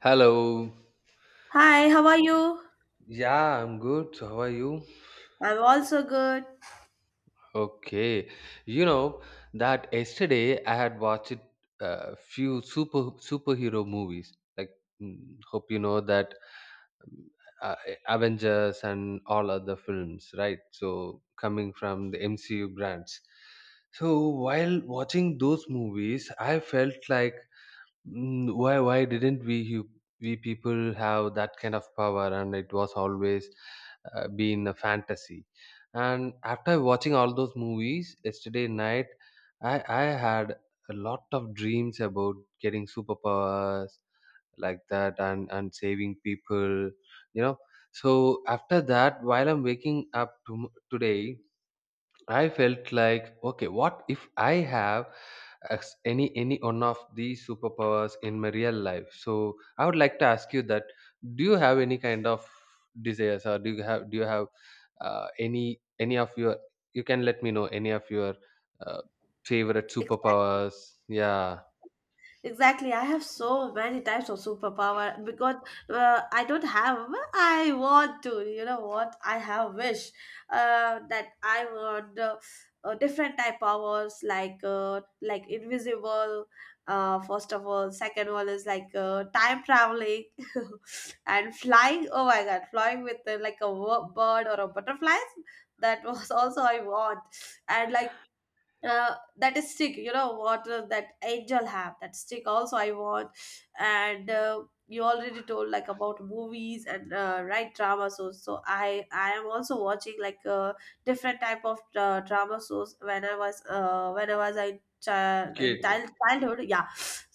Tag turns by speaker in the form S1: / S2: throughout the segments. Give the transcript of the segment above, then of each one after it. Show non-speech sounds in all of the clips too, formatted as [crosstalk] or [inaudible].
S1: Hello.
S2: Hi, how are you?
S1: Yeah, I'm good. So how are you?
S2: I'm also good.
S1: Okay. You know that yesterday I had watched a few superhero movies. Hope you know that um, uh, Avengers and all other films, right? So coming from the MCU brands. So while watching those movies, I felt like why didn't we people have that kind of power, and it was always been a fantasy. And after watching all those movies yesterday night, I had a lot of dreams about getting superpowers like that, and saving people you know so after that, while I'm waking up tom today, I felt like, okay, what if I have any one of these superpowers in my real life? So I would like to ask you that: do you have any kind of desires? Or do you have any of your? You can let me know any of your uh, favorite
S2: Exactly.
S1: superpowers. Yeah,
S2: Exactly. I have so many types of superpower because I don't have. I want to. You know what? I have wish that I want different type powers like invisible. First of all, second one is like time traveling [laughs] and flying. Oh my God, flying with like a bird or a butterfly. That was also I want, and like that is stick, you know what, that angel have that stick, also I want. And you already told like about movies and right drama shows, so I am also watching like different type of drama shows when I was when I was a child in
S1: kid.
S2: childhood, yeah.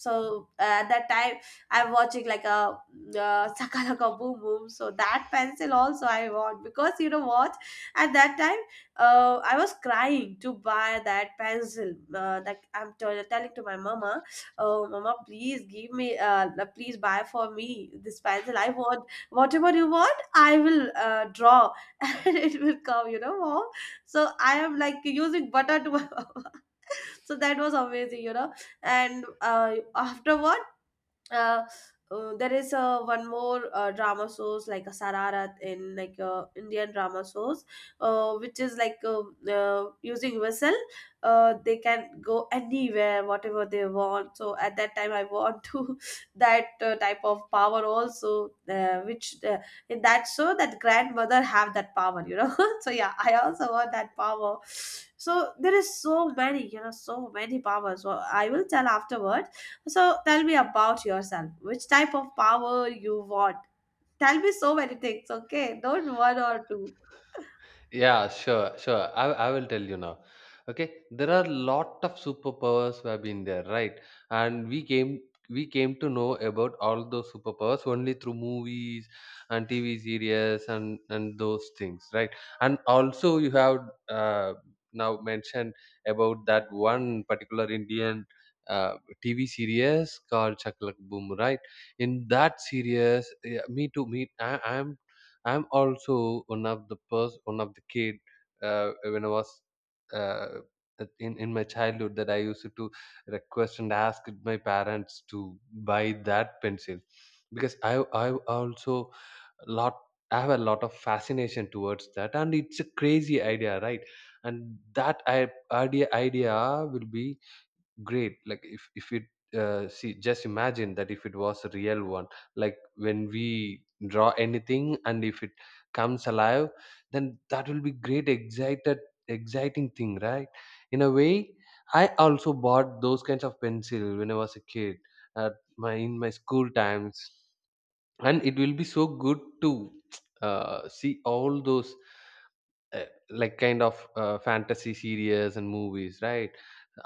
S2: So at that time I'm watching like a sakalaka boom boom, so that pencil also I want, because you know what, at that time I was crying to buy that pencil. That I'm telling to my mama, oh mama, please give me, please buy for me this pencil. I want whatever you want, I will draw, [laughs] and it will come. You know, mom. So I am like using butter to my [laughs] mama. So that was amazing, you know. And afterwards, uh, there is one more drama shows like a Sararat, in like Indian drama shows, which is like using whistle, they can go anywhere whatever they want. So at that time, I want to [laughs] that type of power also, which in that show that grandmother have that power, you know. [laughs] So yeah, I also want that power. So there is so many, you know, so many powers. So I will tell afterward. So tell me about yourself. Which type of power you want? Tell me so many things, okay? Don't one or two.
S1: Yeah, sure, sure. I will tell you now. Okay, there are lot of superpowers who have been there, right? And we came to know about all those superpowers only through movies and TV series and those things, right? And also you have uh, now mentioned about that one particular Indian uh, TV series called Chaklak Boom, right? In that series, yeah, me too. Me, I am I'm also one of the kid, when uh, in my childhood, that I used to request and ask my parents to buy that pencil, because I also lot I have a lot of fascination towards that. And it's a crazy idea, right? And that I idea idea will be great. Like if it see, just imagine that if it was a real one, like when we draw anything and if it comes alive, then that will be great excited exciting thing, right? In a way, I also bought those kinds of pencil when I was a kid at my in my school times. And it will be so good to [tsk] see all those like kind of fantasy series and movies, right?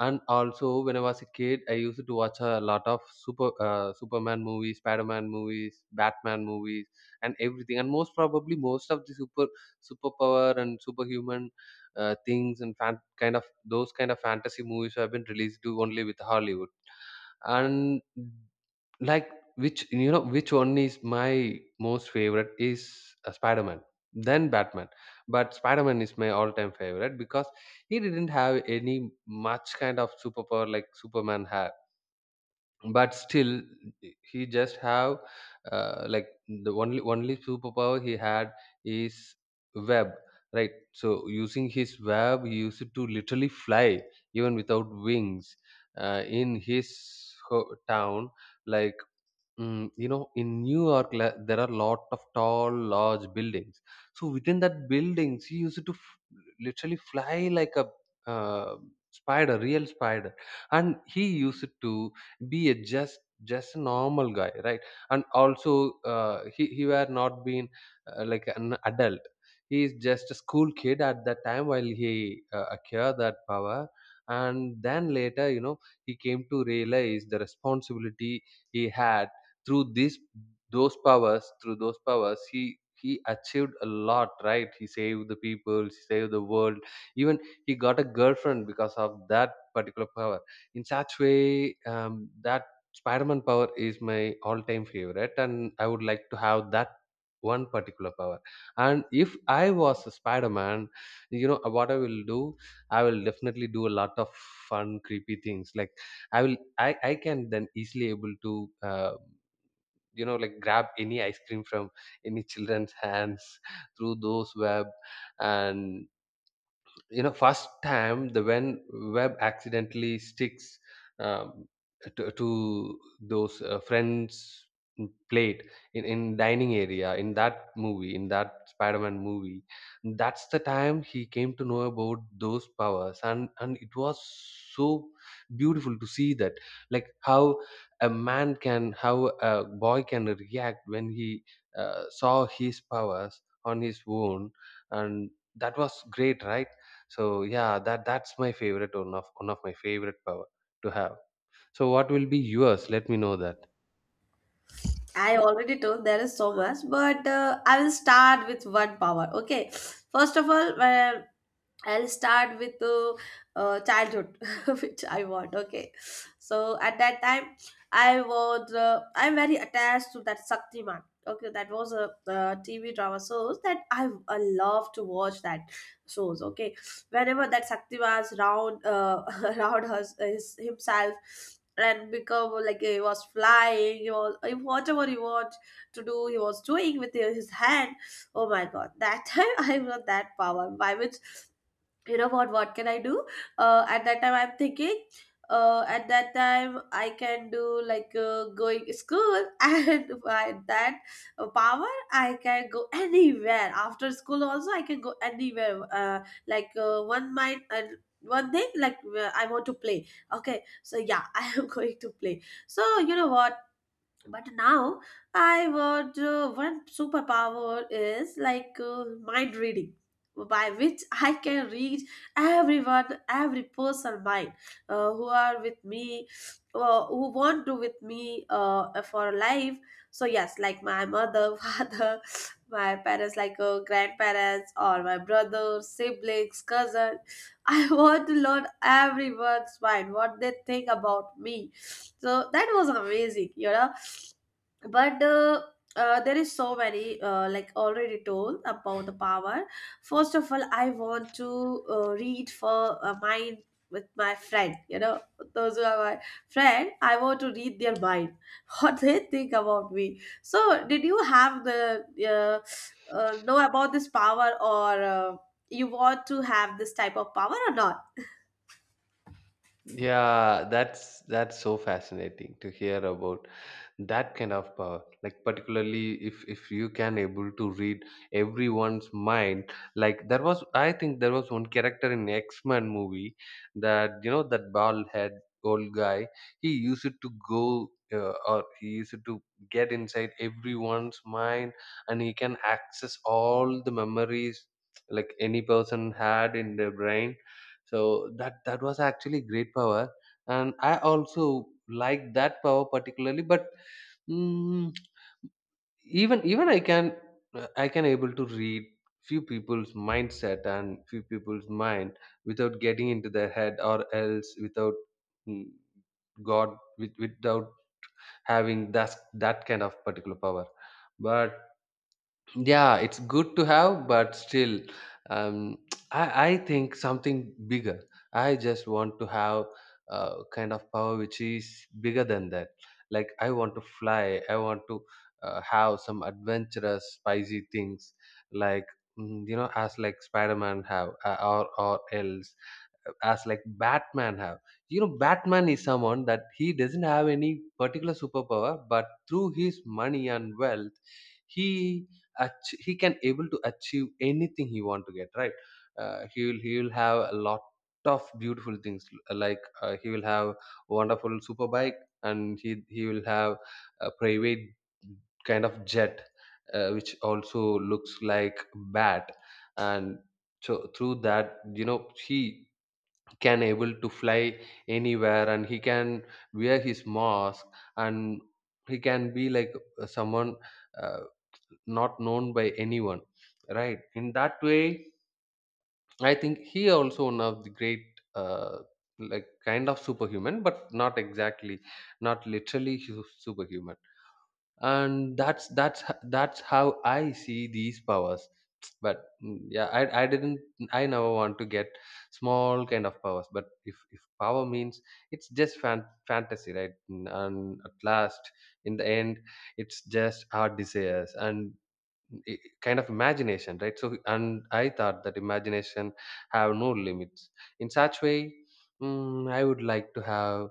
S1: And also when I was a kid, I used to watch a lot of Superman movies, Spider-Man movies, Batman movies and everything. And most probably most of the superpower and superhuman things and kind of those kind of fantasy movies have been released to only with Hollywood. And like, which you know which one is my most favorite is Spider-Man, then Batman. But Spider-Man is my all-time favorite because he didn't have any much kind of superpower like Superman had. But still, he just have like the only superpower he had is web, right? So using his web, he used to literally fly even without wings in his town. Like you know, in New York, there are lot of tall, large buildings. So within that buildings, he used to literally fly like a uh, spider, real spider. And he used to be a just a normal guy, right? And also, he were not being like an adult. He is just a school kid at that time while he acquired that power. And then later, you know, he came to realize the responsibility he had through this those powers. Through those powers, he achieved a lot, right? He saved the people, he saved the world. Even he got a girlfriend because of that particular power. In such way, that Spider-Man power is my all-time favorite, and I would like to have that one particular power. And if I was a Spider-Man, you know, what I will do, I will definitely do a lot of fun creepy things. Like I will I can then easily able to uh, you know, like grab any ice cream from any children's hands [laughs] through those web. And you know, first time the when web accidentally sticks um, to those friends plate, in dining area in that movie, in that Spider-Man movie. That's the time he came to know about those powers, and it was so beautiful to see that, like how a boy can react when he saw his powers on his own. And that was great, right? So yeah, that that's my favorite, one of my favorite power to have. So what will be yours? Let me know that.
S2: I already told there is so much, but I will start with one power, okay? First of all, I'll start with childhood, [laughs] which I want. Okay, so at that time, I was I'm very attached to that Shaktiman. Okay, that was a TV drama shows that I love to watch that shows. Okay, whenever that Shaktiman's round [laughs] round his himself and become like he was flying, he was whatever he want to do, he was doing with his hand. Oh my god, that time [laughs] I was that power by which, you know what can I do? At that time I'm thinking at that time I can do like going to school, [laughs] and by that power I can go anywhere, after school also I can go anywhere, like one mind and one thing, like I want to play, okay? So yeah, [laughs] I am going to play. So you know what, but now I would, one superpower is like mind reading, by which [laughs] I can read everyone, every person mind, who are with me, who want to with me for life. So yes, like my mother, [laughs] father, my parents, like grandparents, or my brother, siblings, cousin. I want to learn everyone's mind, what they think about me. So that was amazing, you know. But there is so many, like already told about the power. First of all, I want to read for mine, with my friend, you know, those who are my friend. I want to read their mind, [laughs] what they think about me. So did you have the know about this power, or you want to have this type of power or not?
S1: Yeah, that's so fascinating to hear about that kind of power. Like particularly if you can able to read everyone's mind. Like there was I think there was one character in X-Men movie, that you know, that bald head old guy, he used it to go or he used it to get inside everyone's mind, and he can access all the memories like any person had in their brain. So that that was actually great power, and I also like that power particularly. But Mm, even I can able to read few people's mindset and few people's mind without getting into their head, or else without mm, God, without having that that kind of particular power. But yeah, it's good to have. But still um, [tsk] I think something bigger. I just want to have kind of power which is bigger than that. Like I want to fly, I want to have some adventurous spicy things. Like you know, as like Spider-Man have, or else as like Batman have. You know, Batman is someone that he doesn't have any particular superpower, but through his money and wealth he he can able to achieve anything he want to get, right? He will have a lot of beautiful things. He will have wonderful super bike, and he will have a private kind of jet, which also looks like bat. And so through that, you know, he can able to fly anywhere, and he can wear his mask and he can be like someone uh, not known by anyone, right? In that way, I think he also one of the great uh, like kind of superhuman, but not exactly, not literally superhuman. And that's that's how I see these powers. But yeah, i didn't, I never want to get small kind of powers. But if power means, it's just fantasy, right? And at last, in the end, it's just our desires and kind of imagination, right? So and I thought that imagination have no limits. In such way, I would like to have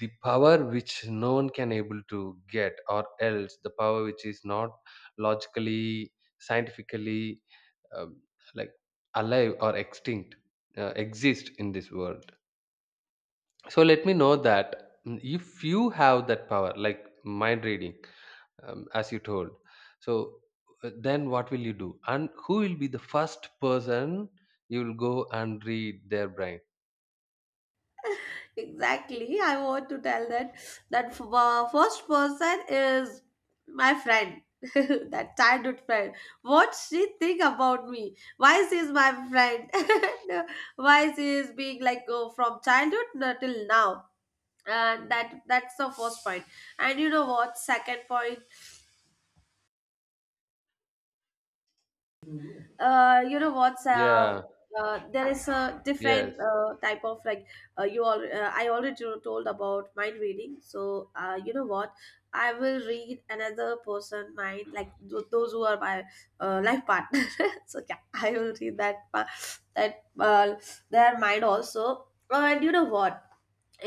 S1: the power which no one can able to get, or else the power which is not logically, scientifically, um, like alive or extinct exist in this world. So let me know that, if you have that power like mind reading, as you told. So then what will you do and who will be the first person you will go and read their brain?
S2: Exactly. I want to tell that that first person is my friend, [laughs] that childhood friend. What she think about me? Why she is my friend? [laughs] Why she is being like from childhood till now? And that's the first point. And you know what? Second point. You know what's
S1: Yeah,
S2: there is a
S1: yes.
S2: different type of like you all, I already told about mind reading, so you know what, I will read another person mind, like those who are my life partner. [laughs] So yeah, I will read that pa- that their mind also. And you know what,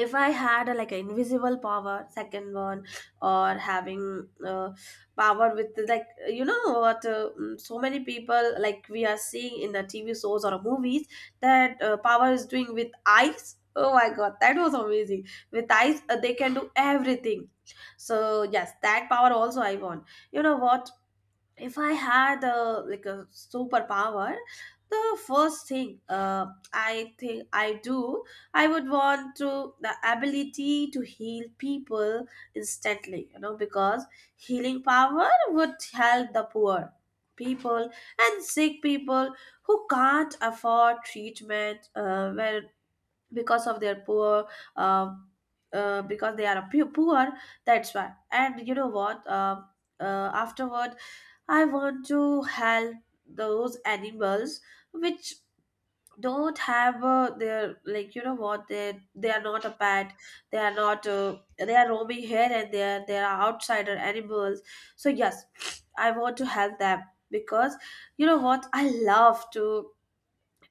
S2: if I had a, like an invisible power, second one, or having power with, like, you know what, so many people, like we are seeing in the TV shows or movies, that power is doing with eyes. Oh my god, that was amazing, with eyes they can do everything. So yes, that power also I want. You know what, if I had a, like a superpower, the first thing, I think I do, I would want to the ability to heal people instantly, you know, because healing power would help the poor people and sick people who can't afford treatment, where because of their poor, uh, because they are poor, that's why. And you know what, afterward I want to help those animals which don't have their, like, you know what, they are not a pet, they are not they are roaming here and there, they are outsider animals. So yes, I want to help them, because you know what, I love to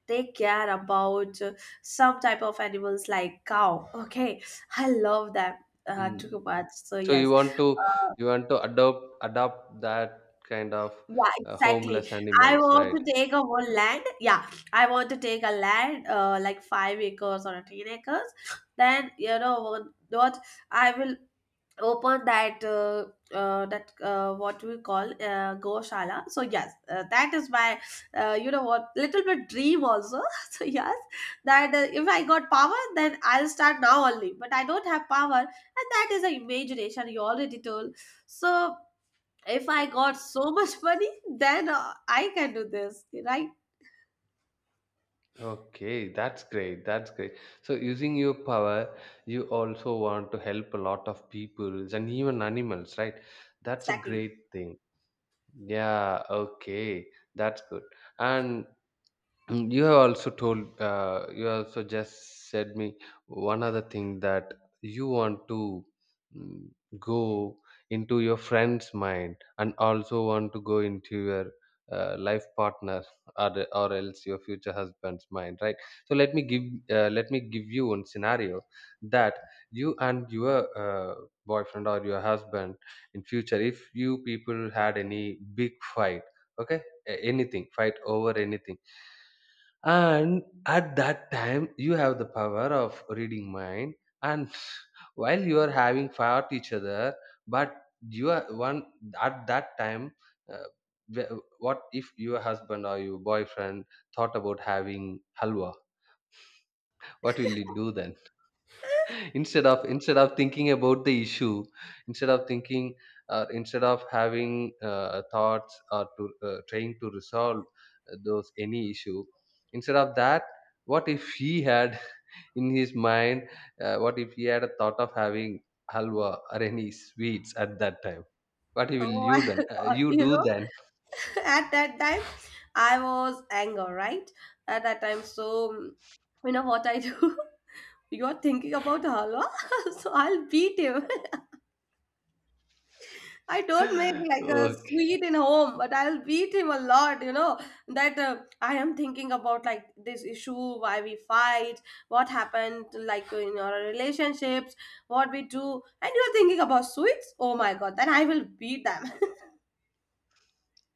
S2: take care about some type of animals like cow, okay? I love them
S1: Mm.
S2: too much. So
S1: So you
S2: yes,
S1: want to
S2: uh,
S1: adopt that kind of
S2: yeah, exactly.
S1: homeless
S2: I
S1: animals,
S2: want
S1: right?
S2: to take a whole land. Yeah, I want to take a land, like 5 acres or 10 acres. Then you know what? what I will open that what we call goshala. So yes, that is my you know what, little bit dream also. [laughs] So yes, that if I got power, then I'll start now only. But I don't have power, and that is an imagination. You already told. So if I got so much money, then I can do this, right?
S1: Okay, that's great. That's great. So using your power, you also want to help a lot of people and even animals, right? That's a
S2: Exactly.
S1: great thing. Yeah, okay. That's good. And you have also told, you also just said me one other thing that you want to mm, go into your friend's mind, and also want to go into your life partner, or else your future husband's mind, right? So let me give you one scenario, that you and your boyfriend or your husband in future, if you people had any big fight, okay, anything, fight over anything, and at that time you have the power of reading mind, and [laughs] while you are having fought each other, but you are one. At that time, uh, what if your husband or your boyfriend thought about having halwa, what will you do then? [laughs] Instead of thinking about the issue, instead of thinking, instead of having thoughts or to trying to resolve those any issue, instead of that, what if he had [laughs] in his mind, what if he had a thought of having halwa or any sweets at that time, what will
S2: Oh [laughs]
S1: you
S2: my
S1: done
S2: God,
S1: you
S2: you
S1: do
S2: know,
S1: then?
S2: [laughs] at that time, I was anger, right? At that time, so mm, you know what I do? [laughs] You're thinking about halwa, [laughs] so I'll beat him. [laughs] I don't make
S1: [laughs]
S2: like a
S1: Okay.
S2: sweet in home, but I'll beat him a lot, you know. That I am thinking about like this issue, why we fight, what happened, like in our relationships, what we do, and you're thinking about sweets. Oh my god, then I will beat them.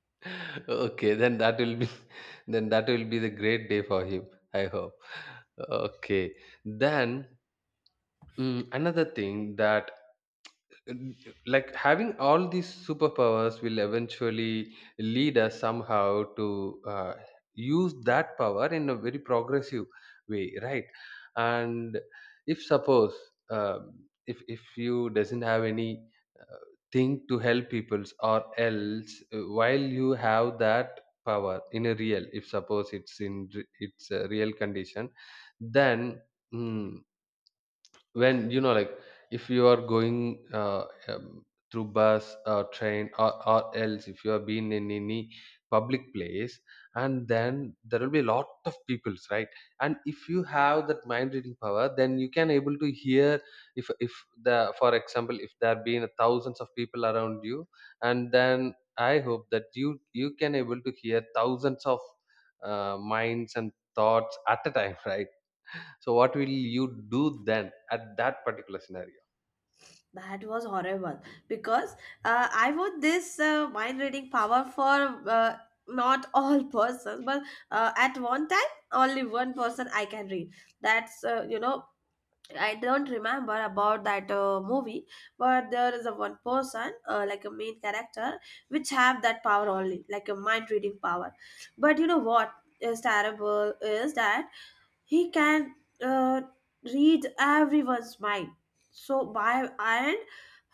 S1: [laughs] Okay, then that will be [laughs] then that will be the great day for him, I hope. Okay. Then another thing, that like having all these superpowers will eventually lead us somehow to use that power in a very progressive way, right? And if suppose, if you doesn't have any uh, thing to help peoples or else, while you have that power in a real, if suppose it's in it's a real condition, then mm, when you know, like if you are going through bus or train, or else if you have been in any public place, and then there will be a lot of peoples, right? And if you have that mind reading power, then you can able to hear. If the, for example, if there have been thousands of people around you, and then I hope that you can able to hear thousands of minds and thoughts at a time, [laughs] right? So what will you do then at that particular scenario?
S2: [laughs] That was horrible, because I want this mind reading power for uh, not all persons, but at one time, only one person I can read. That's you know, I don't remember about that movie, but there is a one person, like a main character, which have that power only, like a mind reading power. But you know what is terrible is that he can uh, read everyone's mind. So by and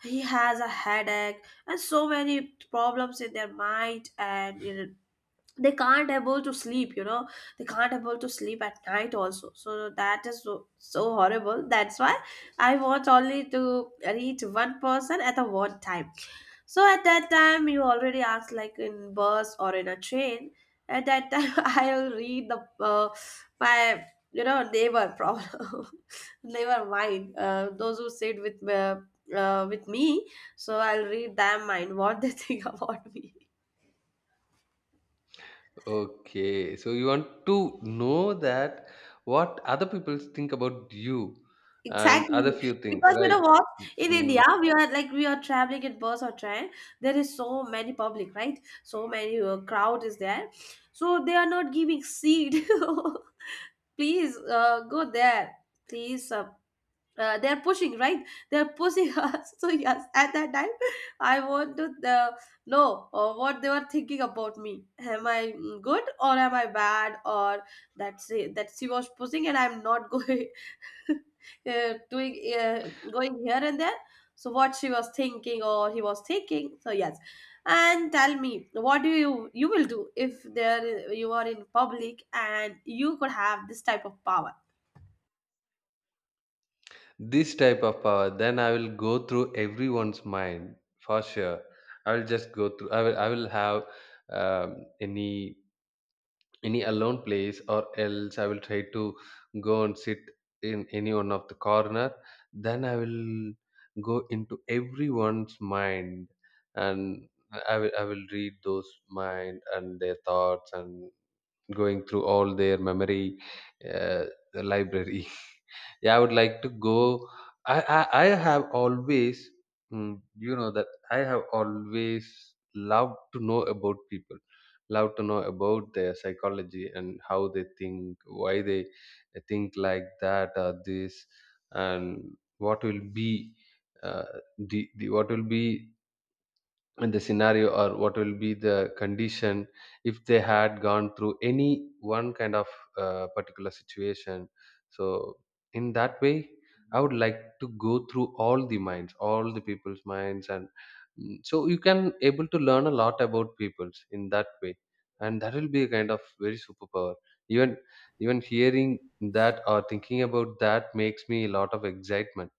S2: he has a headache and so many problems in their mind, and in they can't able to sleep, you know, they can't able to sleep at night also. So that is so, so horrible, that's why I want only to reach one person at a one time. So at that time, you already asked like in bus or in a train, at that time [laughs] I will read the my, you know, neighbor problem, [laughs] neighbor mind, those who sit with me. So I'll read them mind, what they [laughs] think about me.
S1: Okay, so you want to know that what other people think about you and other
S2: Exactly.
S1: few things,
S2: Because you
S1: right?
S2: know what, in India,
S1: Mm,
S2: we are like we are traveling in bus or train. There is so many public, right? So many crowd is there. So they are not giving seat. [laughs] Please go there. Please they're pushing, right? They're pushing [laughs] us. So yes, at that time I want to know what they were thinking about me. Am I good or am I bad? Or that's it, that she was pushing and I'm not [laughs] going, doing, going here and there. So what she was thinking or he was thinking? So yes, and tell me what do you will do if there you are in public and you could have this type of power.
S1: this type of power, then I will go through everyone's mind for sure. I will just go through. I will. I will have um, any any alone place, or else I will try to go and sit in any one of the corner. Then I will go into everyone's mind, and I will read those mind and their thoughts, and going through all their memory, uh, library. [laughs] Yeah, I would like to go. I have always, you know, that I have always loved to know about people, love to know about their psychology, and how they think, why they think like that or this, and what will be, uh, the what will be, and the scenario, or what will be the condition if they had gone through any one kind of particular situation. So in that way, I would like to go through all the minds, all the people's minds, and so you can able to learn a lot about people's in that way. And that will be a kind of very superpower. even Even hearing that or thinking about that makes me a lot of excitement.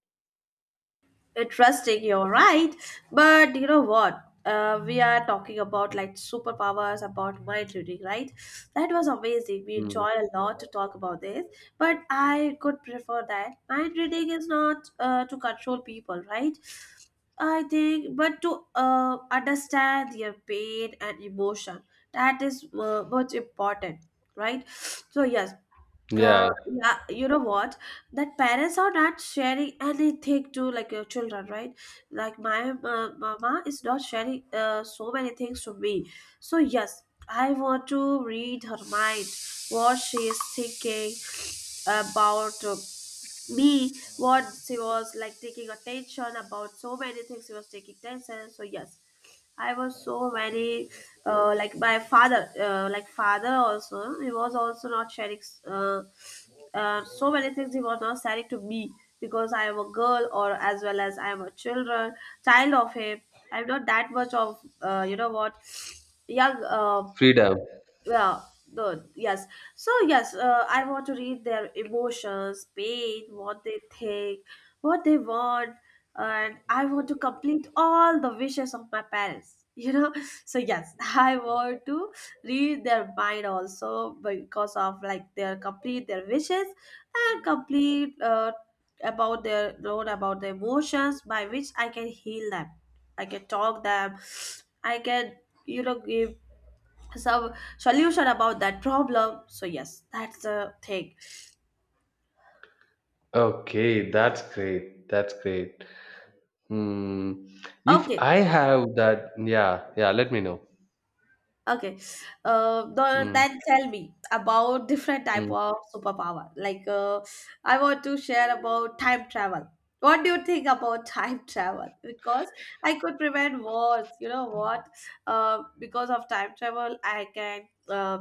S2: Interesting, you're right. But you know what? We are talking about like superpowers, about mind reading, right? That was amazing, we
S1: Mm.
S2: enjoyed a lot to talk about this. But I could prefer that mind reading is not to control people, right? I think, but to understand their pain and emotion, that is much important, right? So yes.
S1: Yeah,
S2: Yeah, you know what? That parents are not sharing anything to like your children, right? Like my mama is not sharing so many things to me. So yes, I want to read her mind, what she is thinking about me, what she was like taking attention about. So many things she was taking attention. So yes, I was so very like my father, like father also. He was also not sharing uh, so many things. He was not sharing to me because I am a girl, or as well as I am a children, child of him. I'm not that much of you know what, young
S1: freedom.
S2: well, the yes. So yes, I want to read their emotions, pain, what they think, what they want, and I want to complete all the wishes of my parents, you know. [laughs] So yes, I want to read their mind also because of like their complete their wishes and complete about their known about their emotions, by which I can heal them. I can talk them. I can, you know, give so solution about that problem. So yes, that's the thing.
S1: Okay, that's great. That's great. Hmm. If
S2: Okay.
S1: I have that, yeah, yeah, let me know.
S2: Okay.
S1: Mm,
S2: Then tell me about different type
S1: mm,
S2: of superpower. Like I want to share about time travel. What do you think about [laughs] time travel? Because I could prevent wars, you know what, because of time travel I can uh,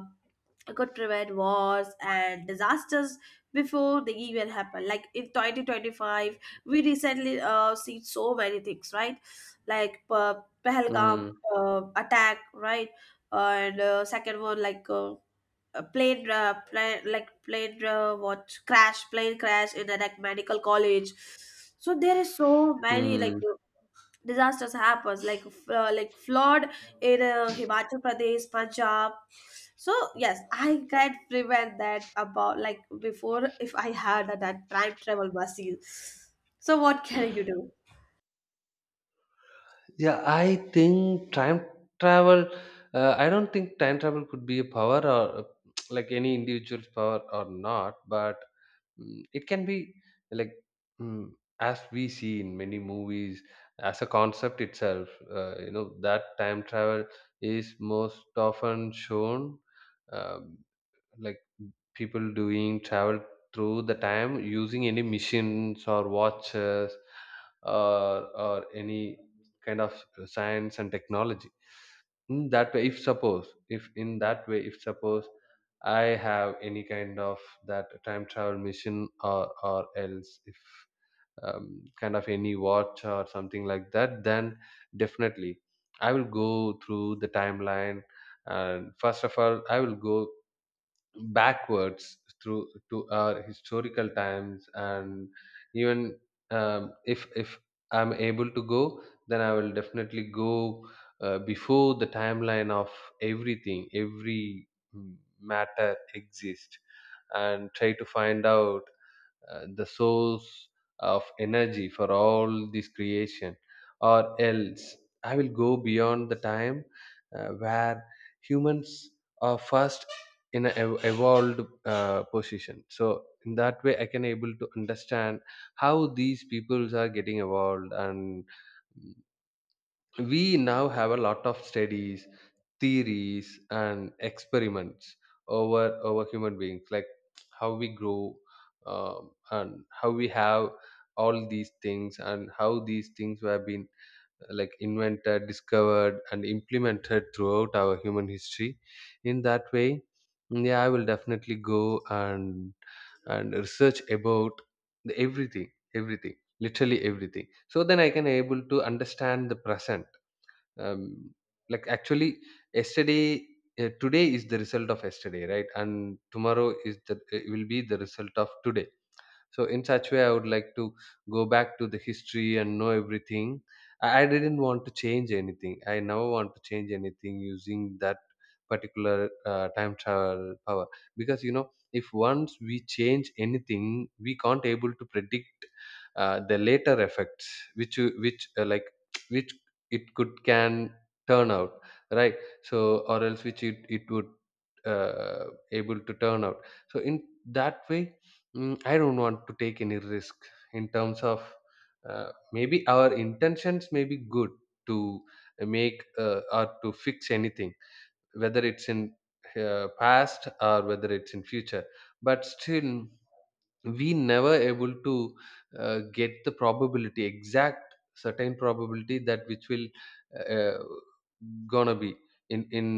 S2: could prevent wars and disasters before they even happen. Like in 2025 we recently see so many things, right? Like Pahalgam
S1: mm,
S2: attack, right? And second one, like a plane, plane like plane what crash, plane crash in an like medical college. So there is so many like
S1: mm.
S2: disasters happens, like flood in Himachal Pradesh, Punjab. So yes, I can prevent that about like before, if I had that time travel buses. So what can you do?
S1: Yeah, I think time travel, I don't think time travel could be a power, or [tsk] like any individual's power or not, but it can be like, mm, as we see in many movies, as a concept itself, you know, that time travel is most often shown. Uh, like people doing travel through the time using any machines or watches, or any kind of science and technology. In that way, if suppose, if in that way, if suppose I have any kind of that time travel machine, or else if kind of any watch or something like that, then definitely I will go through the timeline. And first of all, I will go backwards through to our historical times. And even, if I'm able to go, then I will definitely go before the timeline of everything, every mm, matter exists, and try to find out the source of energy for all this creation, or else I will go beyond the time where humans are first in an evolved position. So in that way, I can able to understand how these peoples are getting evolved. And we now have a lot of studies, theories, and experiments over human beings, like how we grow, and how we have all these things, and how these things have been like invented, discovered, and implemented throughout our human history. In that way, yeah, I will definitely go and research about the everything, everything literally everything. So then I can able to understand the present. um, like actually, yesterday, today is the result of yesterday, right? And tomorrow is the, will be the result of today. So in such way, I would like to go back to the history and know everything. I didn't want to change anything. I never want to change anything using that particular time travel power. Because you know, if once we change anything, we can't able to predict the later effects, which which, like [tsk] which it could can turn out, right? So or else which it would uh, able to turn out. So in that way, I don't want to take any risk in terms of, maybe our intentions may be good to make, or to fix anything, whether it's in past, or whether it's in future, but still we never able to get the probability, exact certain probability, that which will uh, gonna be in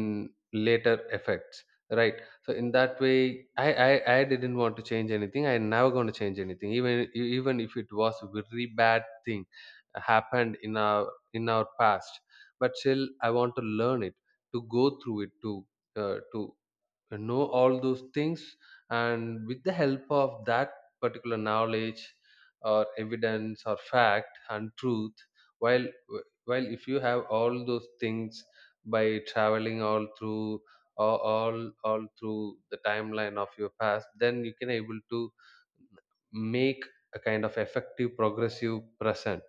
S1: later effects, right? So in that way, I didn't want to change anything. I never going to change anything, even if it was a very bad thing happened in our, past. But still, I want to learn it, to go through it, to uh, to know all those things, and with the help of that particular knowledge or evidence or fact and truth, while while if you have all those things by traveling all through, all through the timeline of your past, then you can able to make a kind of effective progressive present,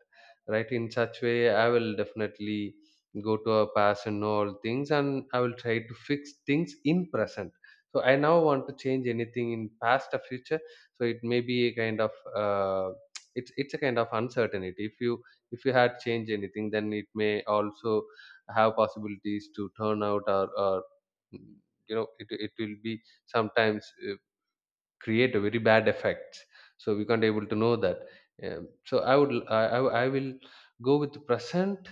S1: right? In such way, I will definitely go to a past and know all things, and I will try to fix things in present. So I now want to change anything in past or future. So it may be a kind of it's a kind of uncertainty. If you, if you had changed anything, then it may also have possibilities to turn out, mm, you know, it will be sometimes, create a very bad effect. So we can't able to know that. So I would, I will go with the present,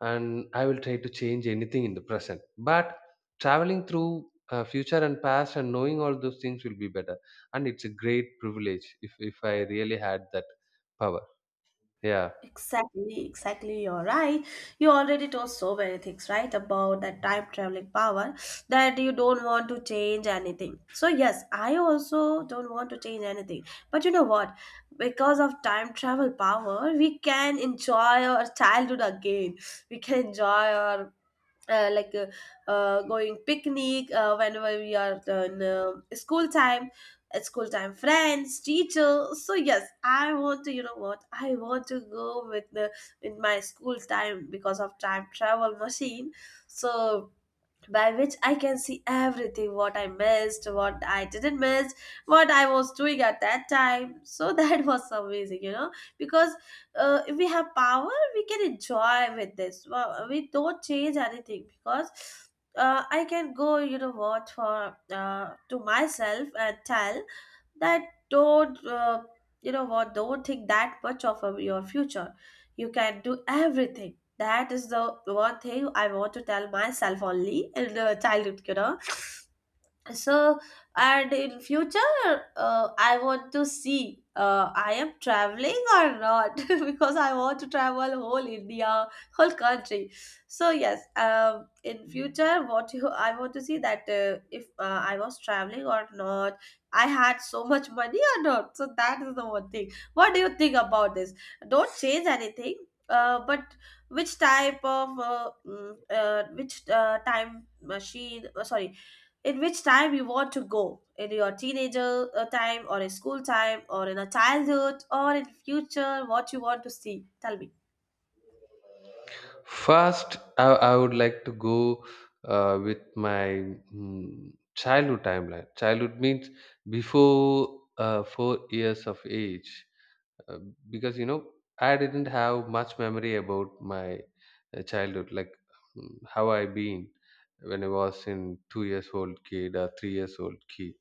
S1: and I will try to change anything in the present. But traveling through future and past, and knowing all those things will be better. And it's a great privilege if I really had that power. Yeah.
S2: Exactly, exactly, you're right. You already told so many things, right, about that time traveling power, that you don't want to change anything. So yes, I also don't want to change anything. But you know what? Because of time travel power, we can enjoy our childhood again. We can enjoy our going picnic whenever we are in school time, at school time, friends, teacher. So yes, I want to, you know what, I want to go with the with my school time because of time travel machine. So by which I can see everything, what I missed, what I didn't miss, what I was doing at that time. So [laughs] that was amazing, you know. Because if we have power, we can enjoy with this. Well, we don't change anything because I can go, you know what, for to myself and tell that don't you know what, don't think that much of your future, you can do everything. That is the one thing I want to tell myself only in the childhood, you know. So and in future I want to see I am traveling or not, [laughs] because I want to travel whole India, whole country. So yes, in future, what I want to see that if I was traveling or not, I had so much money or not. So that is the one thing. What do you think about this? Don't change anything, but which type of which time machine, sorry, in which time you want to go? In your teenager time, or in school time, or in a childhood, or in future? What you want to see, tell me?
S1: First, I would like to go with my childhood timeline. Childhood means before 4 years of age. uh, because you know, I didn't have much memory about my childhood, like mm, how I been when I was in 2 years old kid or 3 years old kid.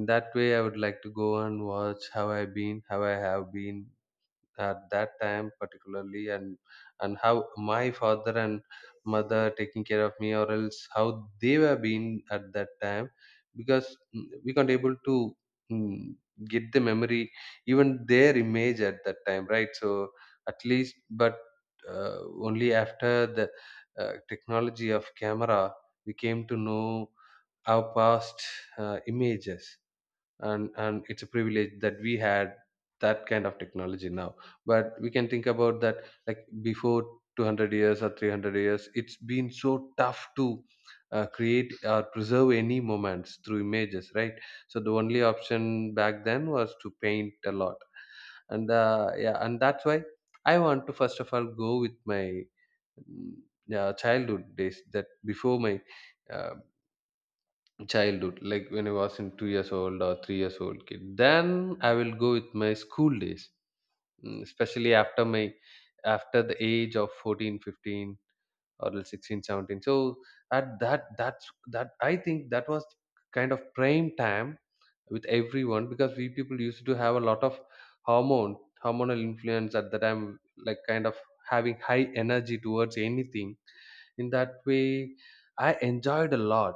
S1: In that way, I would like to go and watch how I been, how I have been at that time particularly. And how my father and mother taking care of me, or else how they were being at that time. Because we can't able to mm, get the memory, even their image at that time, right? So at least, but uh, only after the technology of camera, we came to know our past images. And it's a privilege that we had that kind of technology now. But we can think about that, like before 200 years or 300 years, it's been so tough to create or preserve any moments through images, right? So the only option back then was to paint a lot. And yeah, and that's why I want to first of all go with my mm, yeah, childhood days, that before my uh, childhood, like when I was in two years old or three years old kid. Then I will go with my school days, especially after my, after the age of 14, 15, or like 16, 17. So at that, that's that I think that was kind of prime time with everyone, because we people used to have a lot of hormone hormonal influence at the time, like kind of having high energy towards anything. In that way, I enjoyed a lot,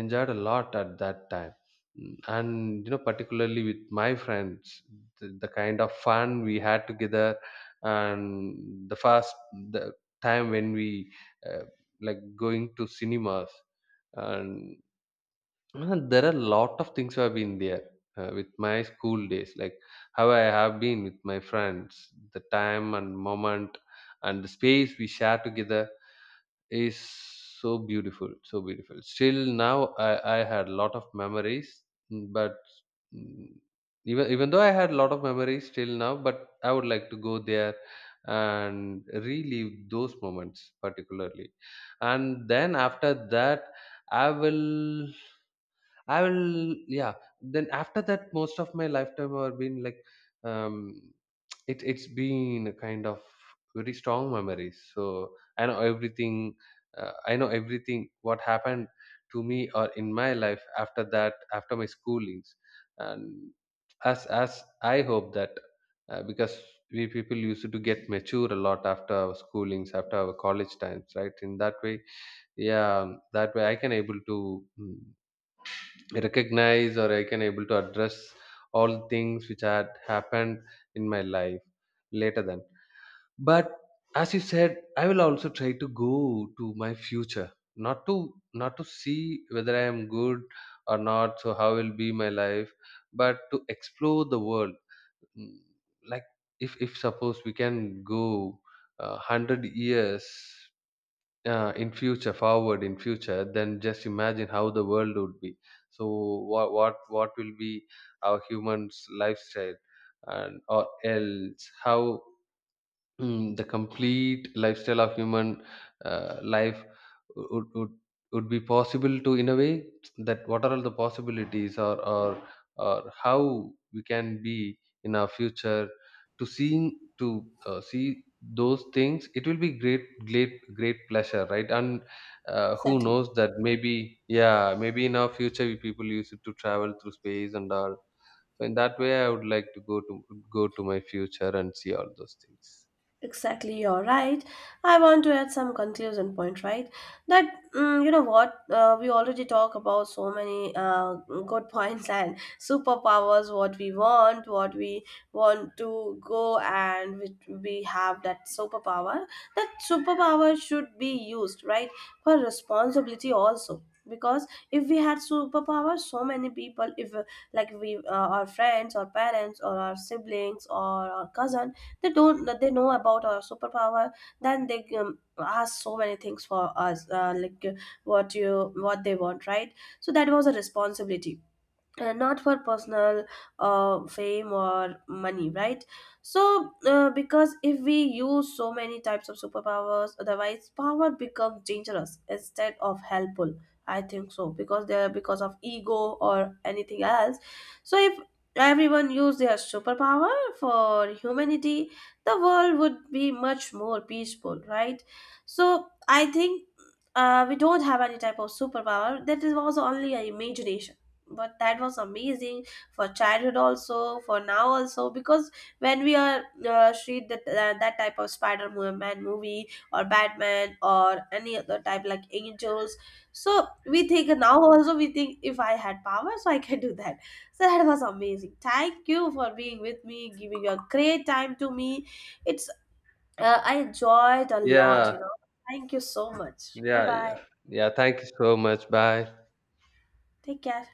S1: at that time. Mm, and you know, particularly with my friends, the kind of fun we had together, and the first the time when we uh, like going to cinemas, and there are a lot of things have been there with my school days, like how I have been with my friends. The time and moment and the space we share together is so beautiful, so beautiful. Still now, I had a lot of memories. mm, but mm, Even even though I had a lot of memories till now, but I would like to go there and relive those moments particularly. And then after that, i will I will, yeah, then after that, most of my lifetime have been like, um it it's been a kind of very strong memories. So I know everything, I know everything what happened to me or in my life after that, after my schoolings. And as I hope that, because we people used to get mature a lot after our schoolings, after our college times, right? In that way, yeah, that way I can able to mm, recognize, or I can able to address all things which had happened in my life later then. But as you said, I will also try to go to my future, not to, not to see whether I am good or not, so how will be my life, but to explore the world. Mm, like, if suppose we can go 100 years in future, forward in future, then just imagine how the world would be. So what will be our humans lifestyle, and or else how the complete lifestyle of human life would, be possible to, in a way that what are all the possibilities, or how we can be in our future. To seeing to see those things, it will be great, great pleasure, right? And who
S2: Exactly.
S1: knows that maybe, yeah, maybe in our future we people used to travel through space and all. So in that way, I would like to go to my future and see all those things.
S2: Exactly, you're right. I want to add some conclusion point, right? That you know what, we already talk about so many good [laughs] points and superpowers. What we want to go, and we have that superpower. That superpower should be used, right, for responsibility also. Because if we had superpower, so many people, if our friends, or parents, or our siblings, or our cousins, they don't they know about our superpower, then they ask so many things for us, what you, what they want, right? So that was a responsibility, not for personal fame or money, right? So because if we use so many types of superpowers, otherwise power becomes dangerous instead of helpful, I think so, because they're because of ego or anything else. So if everyone used their superpower for humanity, the world would be much more peaceful, right? So I think we don't have any type of superpower, that is was only an imagination. But that was amazing, for childhood also, for now also, because when we are read that that type of Spider-Man movie, or Batman, or any other type like angels, so we think now also, we think if I had power, so I can do that. So that was amazing. Thank you for being with me, giving your great time to me. It's I enjoyed a lot,
S1: Yeah,
S2: you know. Thank you so much, bye
S1: yeah.
S2: bye.
S1: Yeah, thank you so much. Bye.
S2: Take care.